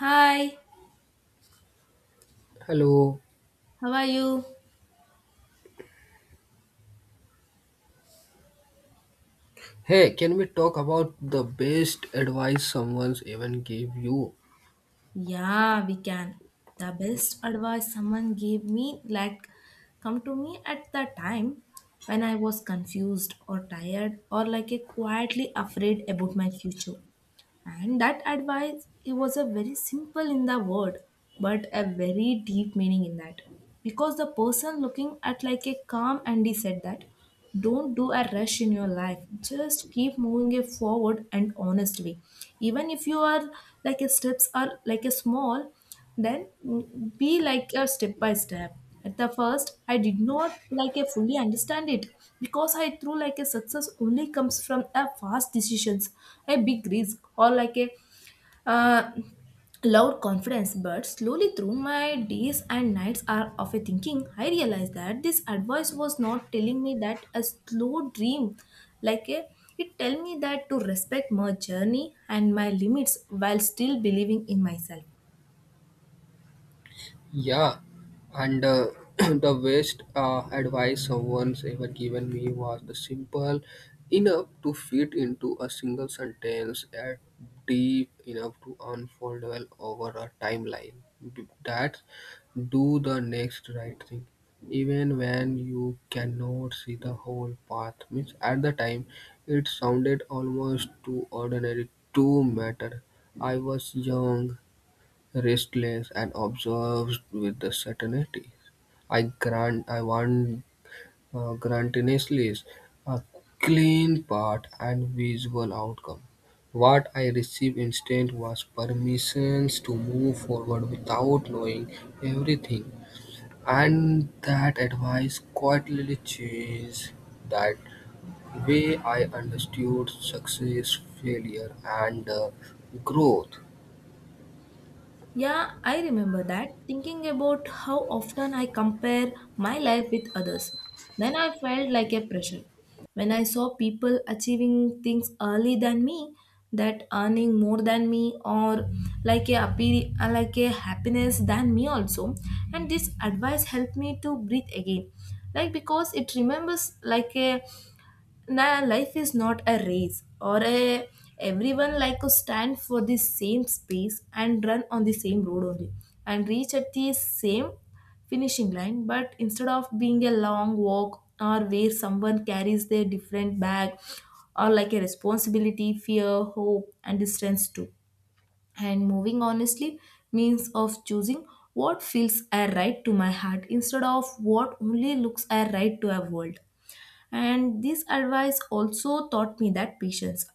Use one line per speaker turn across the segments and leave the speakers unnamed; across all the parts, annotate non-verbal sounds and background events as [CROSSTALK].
Hi,
Hello.
how are you?
Hey, can we talk about the best advice someone's even gave you?
Yeah, we can. The best advice someone gave me, like, come to me at the time when I was confused or tired or like a quietly afraid about my future. And that advice it was a very simple in the word, but a very deep meaning in that. Because the person looking at like a calm Andy said that, don't do a rush in your life. Just keep moving it forward and honestly. Even if you are like a steps are like a small, then be like a step by step. At the first, I did not like a fully understand it because I threw like a success only comes from a fast decisions, a big risk, or like a uh, loud confidence. But slowly through my days and nights are of a thinking, I realized that this advice was not telling me that a slow dream, like a it tell me that to respect my journey and my limits while still believing in myself.
Yeah, and [CLEARS THROAT] the best advice someone's ever given me was the simple enough to fit into a single sentence and deep enough to unfold well over a timeline. That do the next right thing, even when you cannot see the whole path. Means at the time, it sounded almost too ordinary to matter. I was young, restless and obsessed with the certainty, I grant I want grantinessly a clean path and visual outcome. What I received instead was permissions to move forward without knowing everything, and that advice quietly changed that way I understood success, failure, and growth.
Yeah, I remember that, thinking about how often I compare my life with others. Then I felt like a pressure. When I saw people achieving things early than me, that earning more than me or like a appear, like a happiness than me also, and this advice helped me to breathe again like because it remembers like a now life is not a race or a everyone like to stand for the same space and run on the same road only and reach at the same finishing line. But instead of being a long walk or where someone carries their different bag or like a responsibility, fear, hope, and distance too. And moving honestly means of choosing what feels a right to my heart instead of what only looks a right to a world. And this advice also taught me that patience,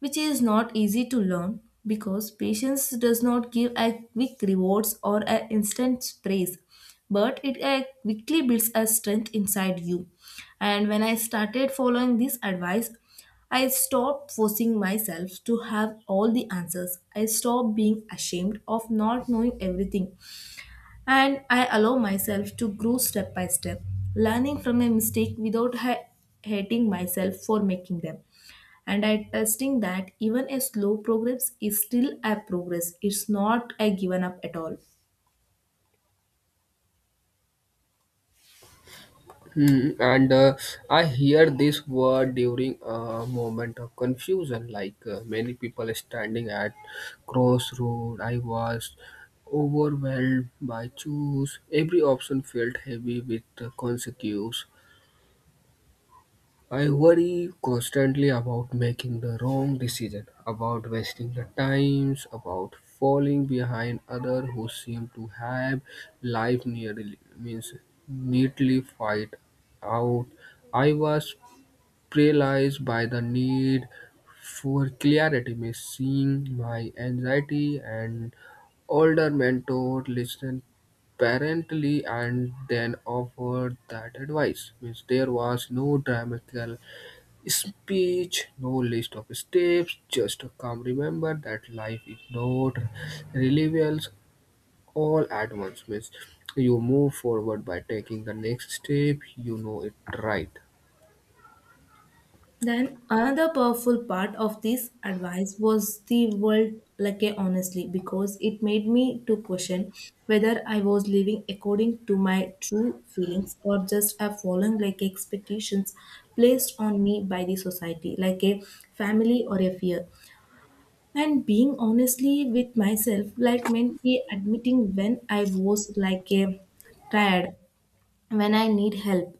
which is not easy to learn because patience does not give a quick rewards or an instant praise, but it quickly builds a strength inside you. And when I started following this advice, I stopped forcing myself to have all the answers. I stopped being ashamed of not knowing everything, and I allow myself to grow step by step, learning from my mistake without hating myself for making them. And I testing that even a slow progress is still a progress. It's not a given up at all.
Hmm, and I hear this word during a moment of confusion, like many people standing at crossroad. I was overwhelmed by choose. Every option felt heavy with consequences. I worry constantly about making the wrong decision, about wasting the times, about falling behind others who seem to have life nearly means neatly fight out. I was paralyzed by the need for clarity, means seeing my anxiety and older mentor listened parentally and then offered that advice means there was no dramatical speech, no list of steps, just a calm remember that life is not reliable all at once means you move forward by taking the next step, you know it right.
Then another powerful part of this advice was the world like a honestly, because it made me to question whether I was living according to my true feelings or just a following like expectations placed on me by the society like a family or a fear, and being honestly with myself like meant me admitting when I was like a tired, when I need help,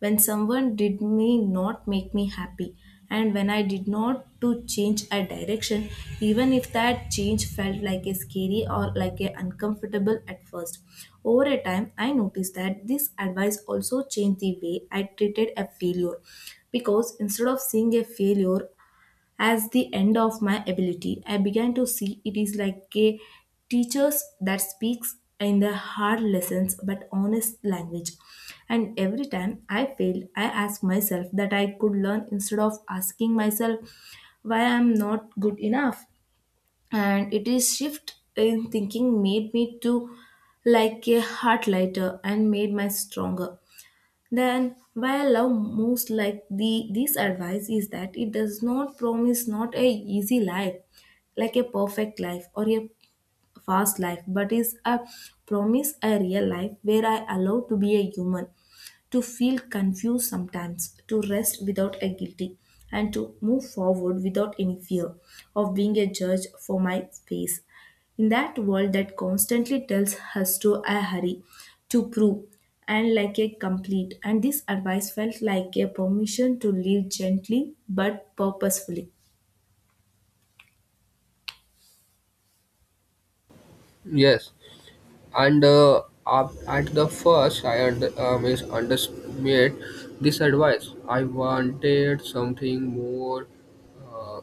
when someone did me not make me happy, and when I did not to change a direction, even if that change felt like a scary or like a uncomfortable at first. Over a time, I noticed that this advice also changed the way I treated a failure, because instead of seeing a failure as the end of my ability, I began to see it is like a teachers that speaks in the hard lessons but honest language. And every time I failed, I asked myself that I could learn instead of asking myself why I'm not good enough. And it is shift in thinking made me to like a heart lighter and made my stronger, then why I love most like the this advice is that it does not promise not a easy life, like a perfect life or a fast life, but is a promise a real life where I allow to be a human, to feel confused sometimes, to rest without a guilty, and to move forward without any fear of being a judge for my space. In that world that constantly tells us to a hurry, to prove, and like a complete, and this advice felt like a permission to live gently but purposefully.
Yes, and at the first, I misunderstood this advice. I wanted something more uh,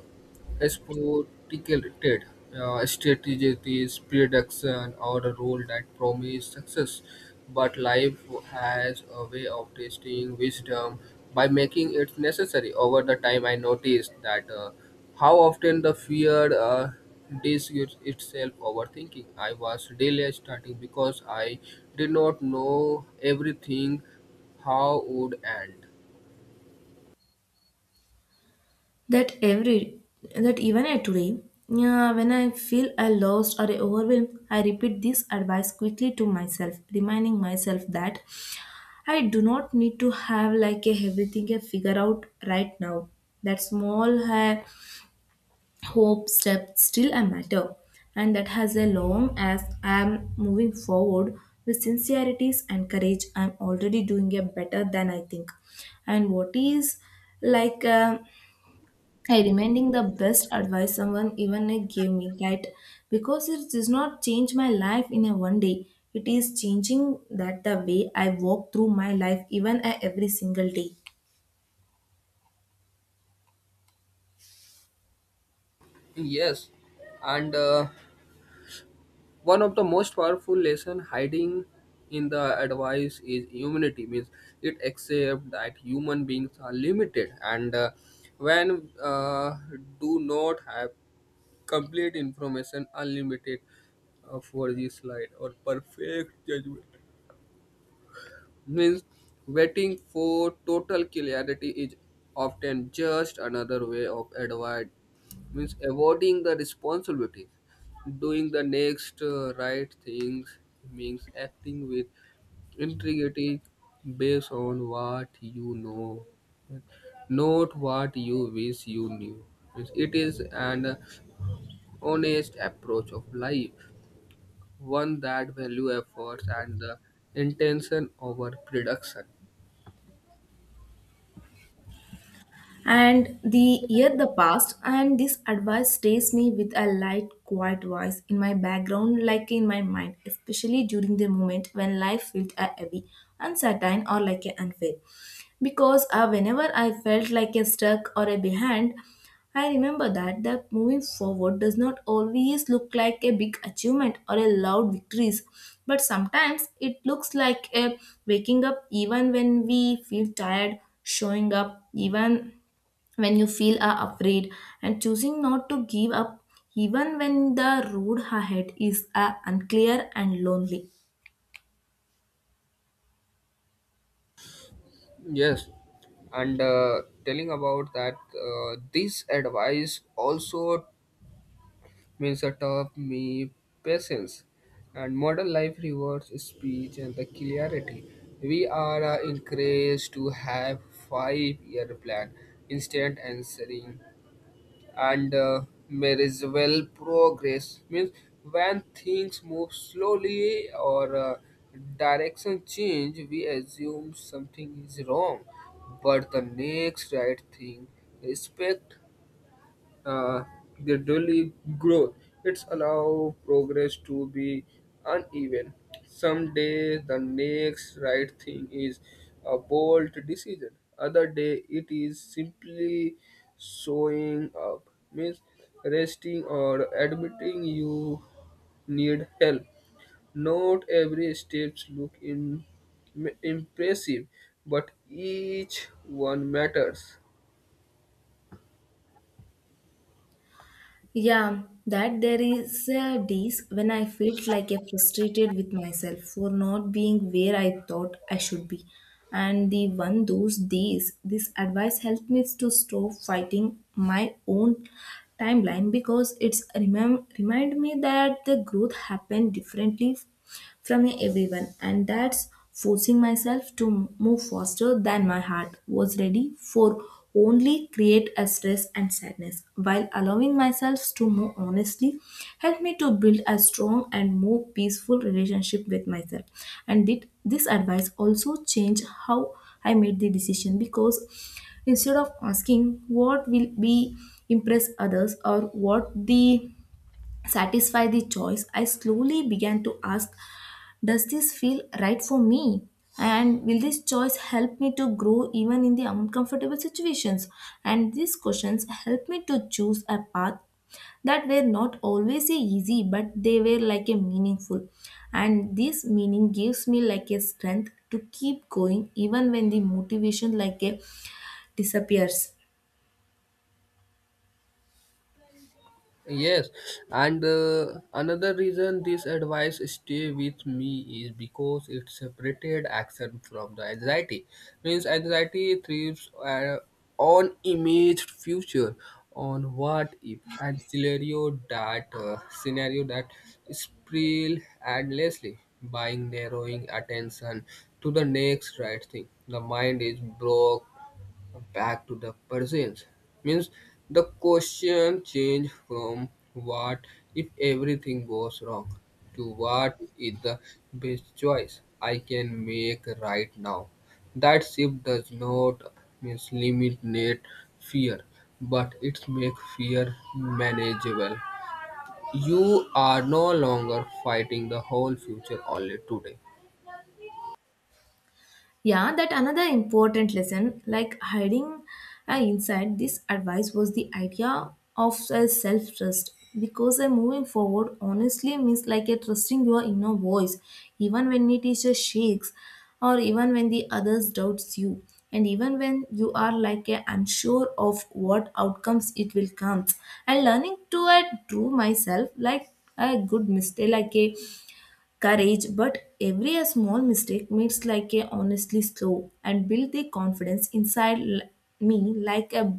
sophisticated strategies prediction or a role that promise success, but life has a way of testing wisdom by making it necessary. Over the time, I noticed that how often the fear disguises itself overthinking. I was delayed starting because I did not know everything how would end.
that every that even at today, yeah, when I feel I lost or overwhelmed, I repeat this advice quickly to myself, reminding myself that I do not need to have like a everything a figure out right now, that small hope step still a matter, and that has a long as I am moving forward with sincerities and courage, I'm already doing a better than I think. And what is like I remaining the best advice someone even gave me, right? Because it does not change my life in a one day. It is changing that the way I walk through my life even a every single day.
Yes, and one of the most powerful lesson hiding in the advice is humanity means it accept that human beings are limited and when do not have complete information unlimited for this slide or perfect judgment means waiting for total clarity is often just another way of avoid means avoiding the responsibilities doing the next right things means acting with integrity based on what you know not what you wish you knew. Means it is an honest approach of life, one that value efforts and the intention over production.
And the year the past, and this advice stays me with a light quiet voice in my background like in my mind, especially during the moment when life felt a heavy uncertain or like a unfair, because whenever I felt like a stuck or a behind, I remember that moving forward does not always look like a big achievement or a loud victories, but sometimes it looks like a waking up even when we feel tired, showing up even when you feel are afraid, and choosing not to give up even when the road ahead is unclear and lonely.
Yes, and telling about that, this advice also means a tough me patience. And modern life rewards speech and the clarity. We are encouraged to have five-year plan, instant answering, and there is well progress means when things move slowly or direction change we assume something is wrong but the next right thing respect uh, gradually grow. It's allow progress to be uneven. Some day the next right thing is a bold decision. Other day it is simply showing up, means resting or admitting you need help. Not every steps look impressive, but each one matters.
Yeah, that there is a days when I felt like a frustrated with myself for not being where I thought I should be, and the one those days this advice helped me to stop fighting my own timeline, because it's remind me that the growth happened differently from everyone, and that's forcing myself to move faster than my heart was ready for only create a stress and sadness, while allowing myself to move honestly helped me to build a strong and more peaceful relationship with myself. And did this advice also change how I made the decision, because instead of asking what will be impress others or what the satisfy the choice, I slowly began to ask, does this feel right for me? And will this choice help me to grow even in the uncomfortable situations? And these questions help me to choose a path that were not always easy, but they were like a meaningful. And this meaning gives me like a strength to keep going even when the motivation like a disappears.
Yes, and another reason this advice stay with me is because it separated action from the anxiety. Means anxiety thrives on imaged future, on what if, and scenario that spill endlessly, buying narrowing attention to the next right thing. The mind is broke back to the persons. Means the question changed from what if everything goes wrong to what is the best choice I can make right now. That shift does not means eliminate fear, but it makes fear manageable. You are no longer fighting the whole future only today.
Yeah, that another important lesson, like hiding inside this advice was the idea of self trust, because moving forward honestly means like a trusting your inner voice, even when it is a shakes, or even when the others doubts you, and even when you are like a unsure of what outcomes it will come. And learning to do myself like a good mistake, like a courage, but every small mistake makes like a honestly slow and build the confidence inside me like a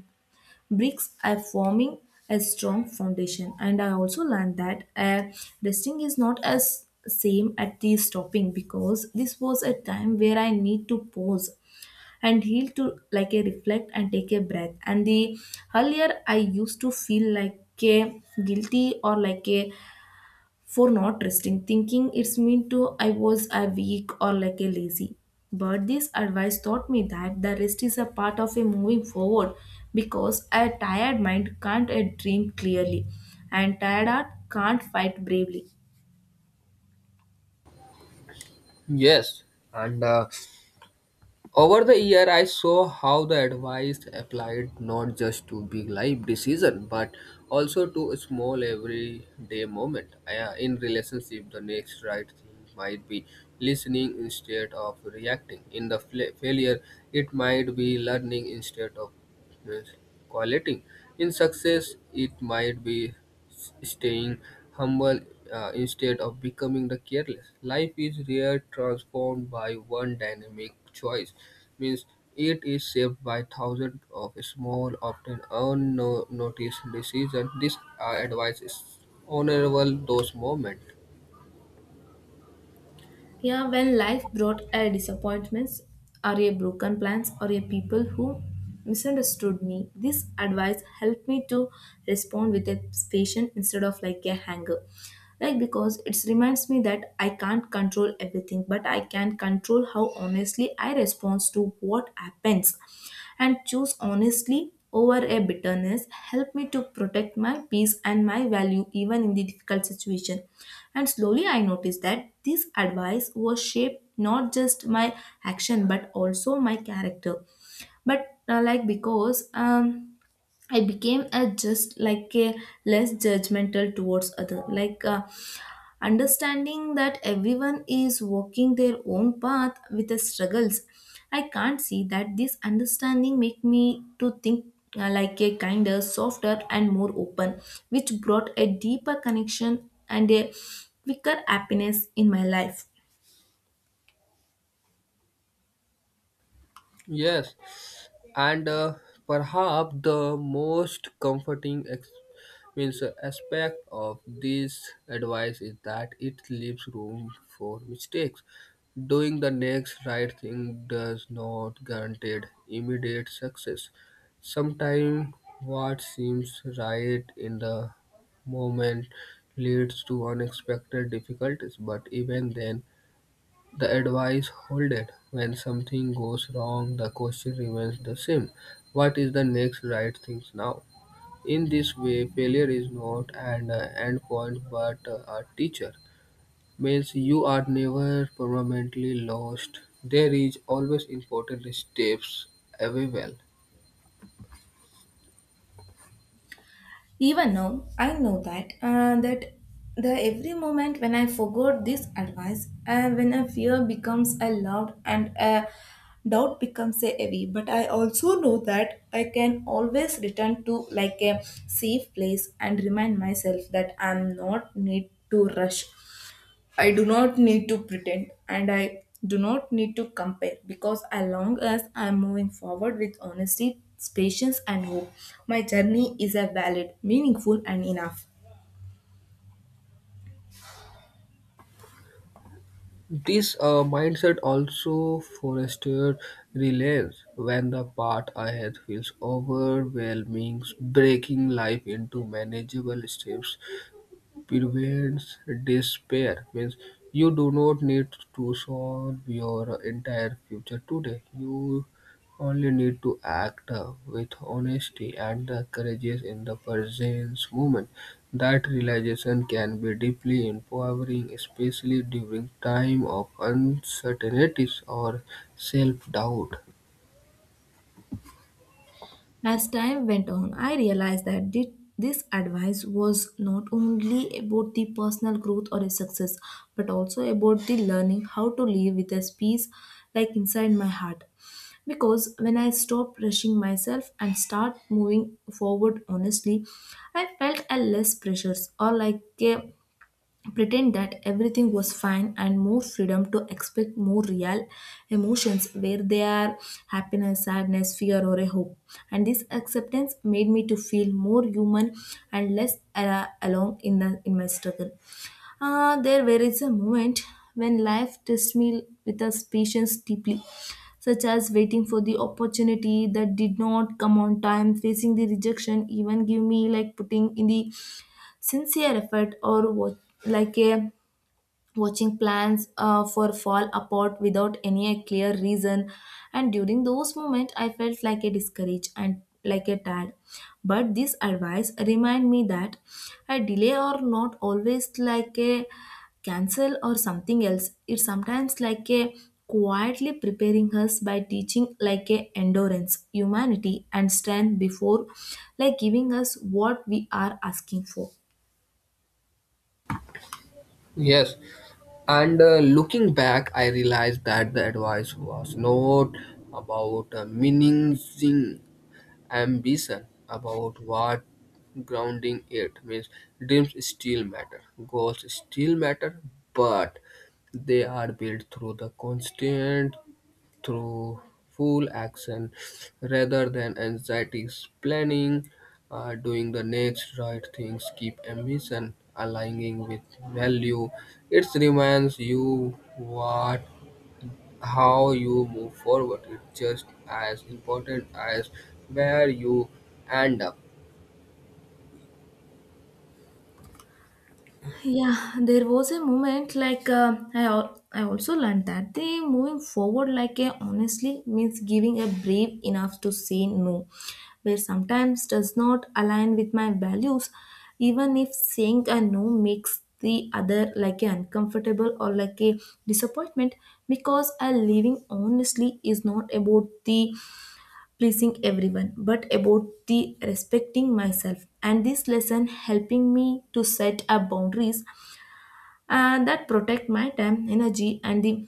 bricks are forming a strong foundation. And I also learned that resting is not as same at the stopping, because this was a time where I need to pause and heal to like a reflect and take a breath, and the earlier I used to feel like a guilty or like a for not resting, thinking it's mean to I was a weak or like a lazy. But this advice taught me that the rest is a part of a moving forward, because a tired mind can't a dream clearly and tired heart can't fight bravely.
Yes, and over the year, I saw how the advice applied not just to big life decision, but also to small everyday moment. In relationship, the next right thing might be listening instead of reacting. In the failure, it might be learning instead of uh, quieting. In success, it might be staying humble instead of becoming the careless. Life is rare transformed by one dynamic choice, means it is shaped by thousands of small, often unnoticed decisions. This advice is honorable those moments.
Yeah, when life brought a disappointments or a broken plans or a people who misunderstood me, this advice helped me to respond with a patience instead of like a anger. Like because it reminds me that I can't control everything, but I can control how honestly I respond to what happens, and choose honestly over a bitterness help me to protect my peace and my value even in the difficult situation. And slowly I noticed that this advice was shaped not just my action but also my character, but like because I became a just like a less judgmental towards other like understanding that everyone is walking their own path with the struggles, I can't see that this understanding make me to think like a kinder, softer, and more open, which brought a deeper connection and a quicker happiness in my life.
Yes, and perhaps the most comforting ex- means aspect of this advice is that it leaves room for mistakes. Doing the next right thing does not guarantee immediate success. Sometimes what seems right in the moment leads to unexpected difficulties, but even then, the advice holded. When something goes wrong, the question remains the same. What is the next right thing now? In this way, failure is not an end point but a teacher. Means you are never permanently lost. There is always important steps available.
Even now, I know that the every moment when I forgot this advice, when a fear becomes a loud and a doubt becomes a heavy. But I also know that I can always return to like a safe place and remind myself that I'm not need to rush, I do not need to pretend, and I do not need to compare, because as long as I am moving forward with honesty, patience, and hope, my journey is a valid, meaningful, and enough.
This mindset also fostered reliance when the path ahead feels overwhelming, breaking life into manageable steps prevents despair means you do not need to solve your entire future today, you only need to act with honesty and the courage in the present moment. That realization can be deeply empowering, especially during time of uncertainties or self-doubt.
As time went on, I realized that this advice was not only about the personal growth or a success, but also about the learning how to live with a peace like inside my heart. Because when I stopped rushing myself and start moving forward honestly, I felt a less pressures or like a pretend that everything was fine and more freedom to expect more real emotions where they are happiness sadness fear or a hope, and this acceptance made me to feel more human and less alone in the in my struggle. There were is a moment when life tests me with a patience deeply, such as waiting for the opportunity that did not come on time, facing the rejection, even give me like putting in the sincere effort or what, like a watching plans for fall apart without any clear reason. And during those moments I felt like a discouraged and like a tired. But this advice remind me that a delay or not always like a cancel or something else, it's sometimes like a quietly preparing us by teaching like a endurance humanity and strength before like giving us what we are asking for.
Yes, and looking back, I realized that the advice was not about minimizing ambition about what grounding it means. Dreams still matter, goals still matter, but they are built through the constant, through full action rather than anxieties, planning, doing the next right things, keep ambition aligning with value. It reminds you what how you move forward. It's just as important as where you end up.
Yeah, there was a moment like I also learned that they moving forward like a honestly means giving a brave enough to say no, where sometimes does not align with my values, even if saying a no makes the other like a uncomfortable or like a disappointment, because a living honestly is not about the pleasing everyone but about the respecting myself. And this lesson helping me to set up boundaries and that protect my time, energy, and the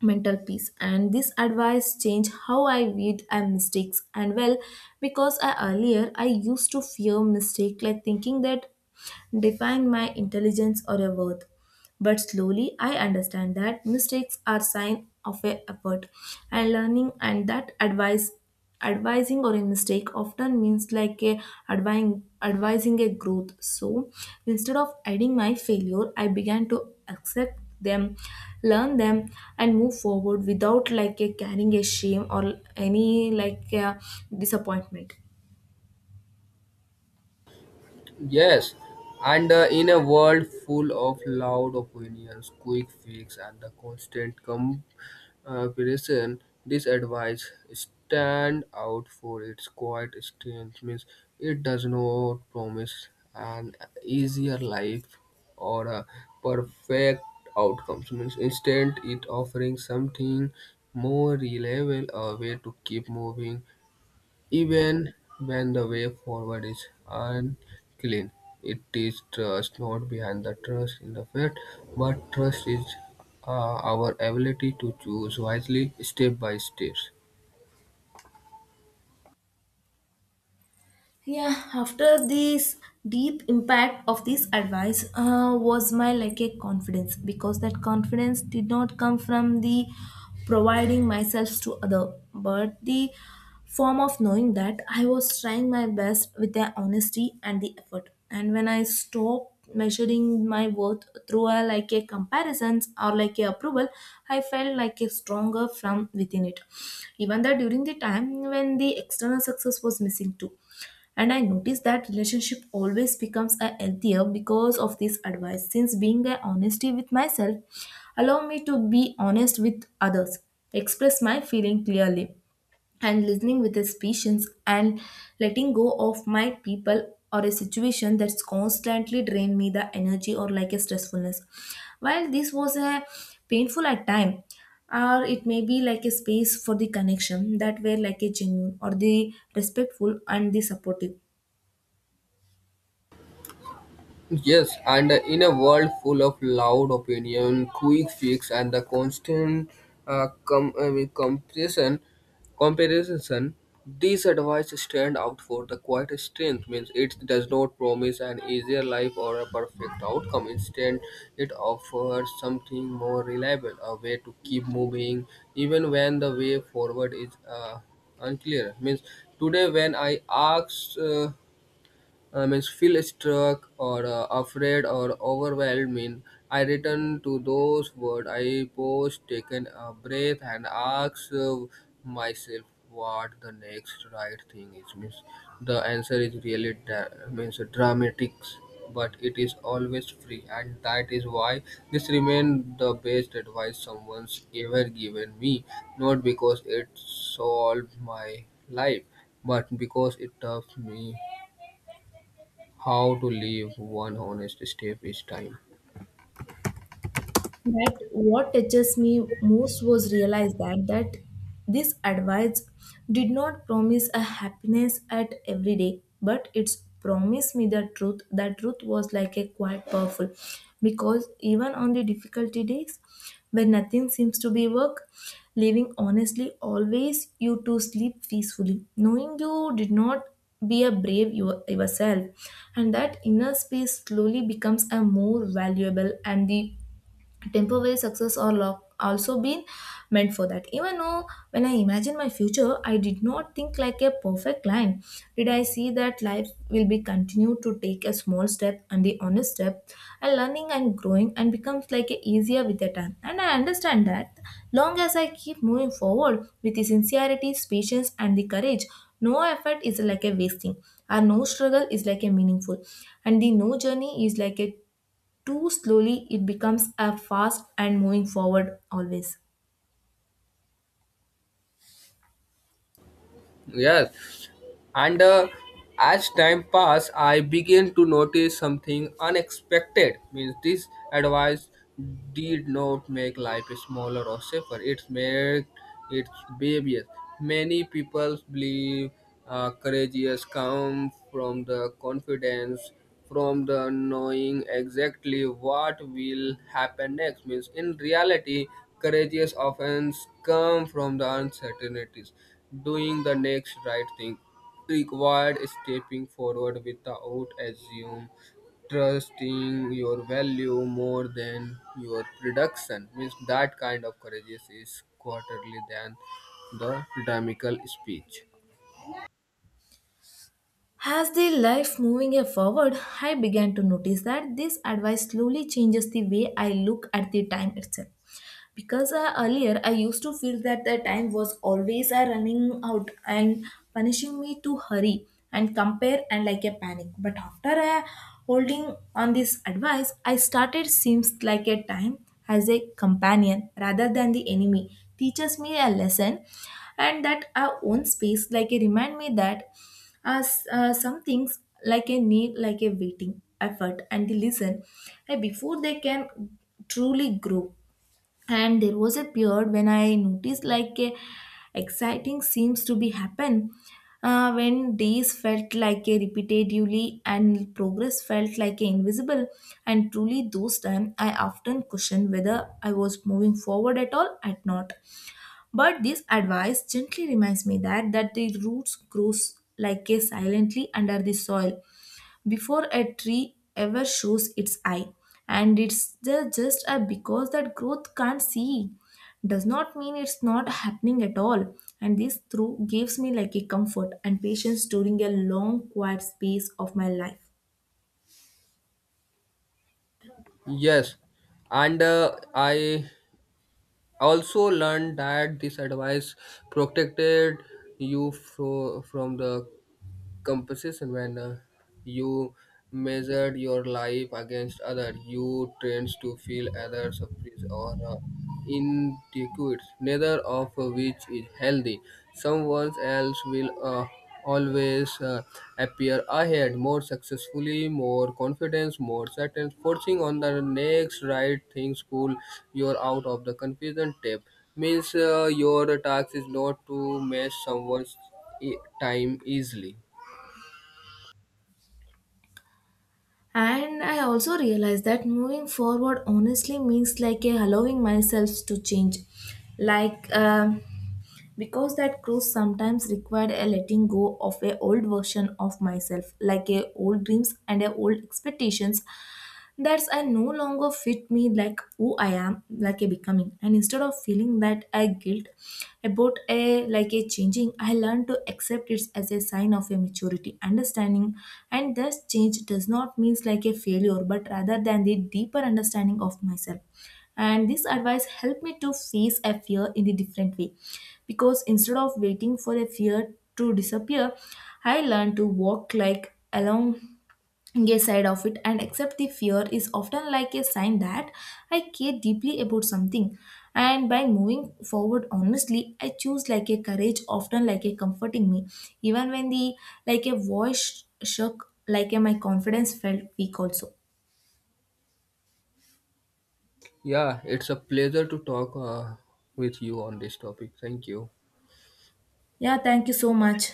mental peace. And this advice changed how I viewed my mistakes. And well, because I earlier I used to fear mistake, like thinking that define my intelligence or a worth. But slowly I understand that mistakes are sign of a effort and learning, and that advice advising or a mistake often means like a advising a growth. So instead of adding my failure I began to accept them, learn them, and move forward without like a carrying a shame or any like a disappointment.
Yes, and in a world full of loud opinions, quick fix, and the constant comparison, this advice stand out for its quiet strength. Means it does not promise an easier life or a perfect outcomes. Means instead, it offering something more reliable, a way to keep moving even when the way forward is unclean, it is trust, not behind the trust in the fact, but trust is uh, our ability to choose wisely step by step.
Yeah, after this deep impact of this advice was my like a confidence, because that confidence did not come from the providing myself to other but the form of knowing that I was trying my best with the honesty and the effort. And when I stopped measuring my worth through a like a comparisons or like a approval, I felt like a stronger from within it, even though during the time when the external success was missing too. And I noticed that relationship always becomes a healthier because of this advice, since being a honesty with myself allow me to be honest with others, express my feeling clearly, and listening with his patience, and letting go of my people or a situation that's constantly drained me the energy or like a stressfulness. While this was a painful at time, or it may be like a space for the connection that were like a genuine or the respectful and the supportive.
Yes, and in a world full of loud opinion, quick fix, and the constant uh, com- I mean, comparison, comparison, these advice stand out for the quiet strength. Means it does not promise an easier life or a perfect outcome. Instead, it offers something more reliable, a way to keep moving even when the way forward is unclear. Means today, when I ask. I means feel struck or afraid or overwhelmed. Mean I return to those words. I pause, taken a breath, and ask myself what the next right thing is. Means the answer is really means dramatic, but it is always free, and that is why this remains the best advice someone's ever given me. Not because it solved my life, but because it taught me how to leave one honest step each time.
That what touches me most was realized that this advice did not promise a happiness at every day, but it's promised me the truth. That truth was like a quite powerful, because even on the difficulty days, when nothing seems to be work, living honestly always you to sleep peacefully, knowing you did not be a brave your, yourself, and that inner space slowly becomes a more valuable, and the temporary success or luck also been meant for that. Even though when I imagined my future I did not think like a perfect line, did I see that life will be continued to take a small step and the honest step, and learning and growing, and becomes like a easier with the time. And I understand that long as I keep moving forward with the sincerity patience and the courage, no effort is like a wasting, and no struggle is like a meaningful, and the no journey is like a too slowly, it becomes a fast and moving forward always.
Yes, and as time passed, I began to notice something unexpected. Means this advice did not make life smaller or safer. It's made it babies. Many people believe courageous come from the confidence from the knowing exactly what will happen next means in reality courageous offense come from the uncertainties doing the next right thing required stepping forward without assume trusting your value more than your production means that kind of courageous is quarterly than the dynamical speech.
As the life moving forward, I began to notice that this advice slowly changes the way I look at the time itself. Because earlier I used to feel that the time was always running out and punishing me to hurry and compare and like a panic. But after holding on this advice, I started seems like a time as a companion rather than the enemy teaches me a lesson. And that our own space like a remind me that as some things like a need, like a waiting, effort, and the listen before they can truly grow. And there was a period when I noticed like a exciting seems to be happen, when days felt like a repetitively and progress felt like a invisible, and truly those time I often question whether I was moving forward at all at not. But this advice gently reminds me that the roots grows like a silently under the soil before a tree ever shows its eye. And it's just a because that growth can't see does not mean it's not happening at all. And this through gives me like a comfort and patience during a long quiet space of my life.
Yes and uh, i I also learned that this advice protected you from the composition when you measured your life against others you tend to feel either surprised or inadequate, neither of which is healthy. Someone else will always appear ahead more successfully, more confidence, more certain, forcing on the next right things pull you out of the confusion tape means your task is not to match someone's e- time easily.
And I also realized that moving forward honestly means like a allowing myself to change. Like because that growth sometimes required a letting go of a old version of myself, like a old dreams and a old expectations that's I no longer fit me, like who I am like a becoming. And instead of feeling that I guilt about a like a changing, I learned to accept it as a sign of a maturity understanding, and thus change does not means like a failure but rather than the deeper understanding of myself. And this advice helped me to face a fear in a different way, because instead of waiting for a fear to disappear, I learned to walk like along a side of it and accept the fear is often like a sign that I care deeply about something. And by moving forward honestly, I choose like a courage, often like a comforting me, even when the like a voice shook, like a, my confidence felt weak also.
Yeah, it's a pleasure to talk with you on this topic. Thank you.
Yeah, thank you so much.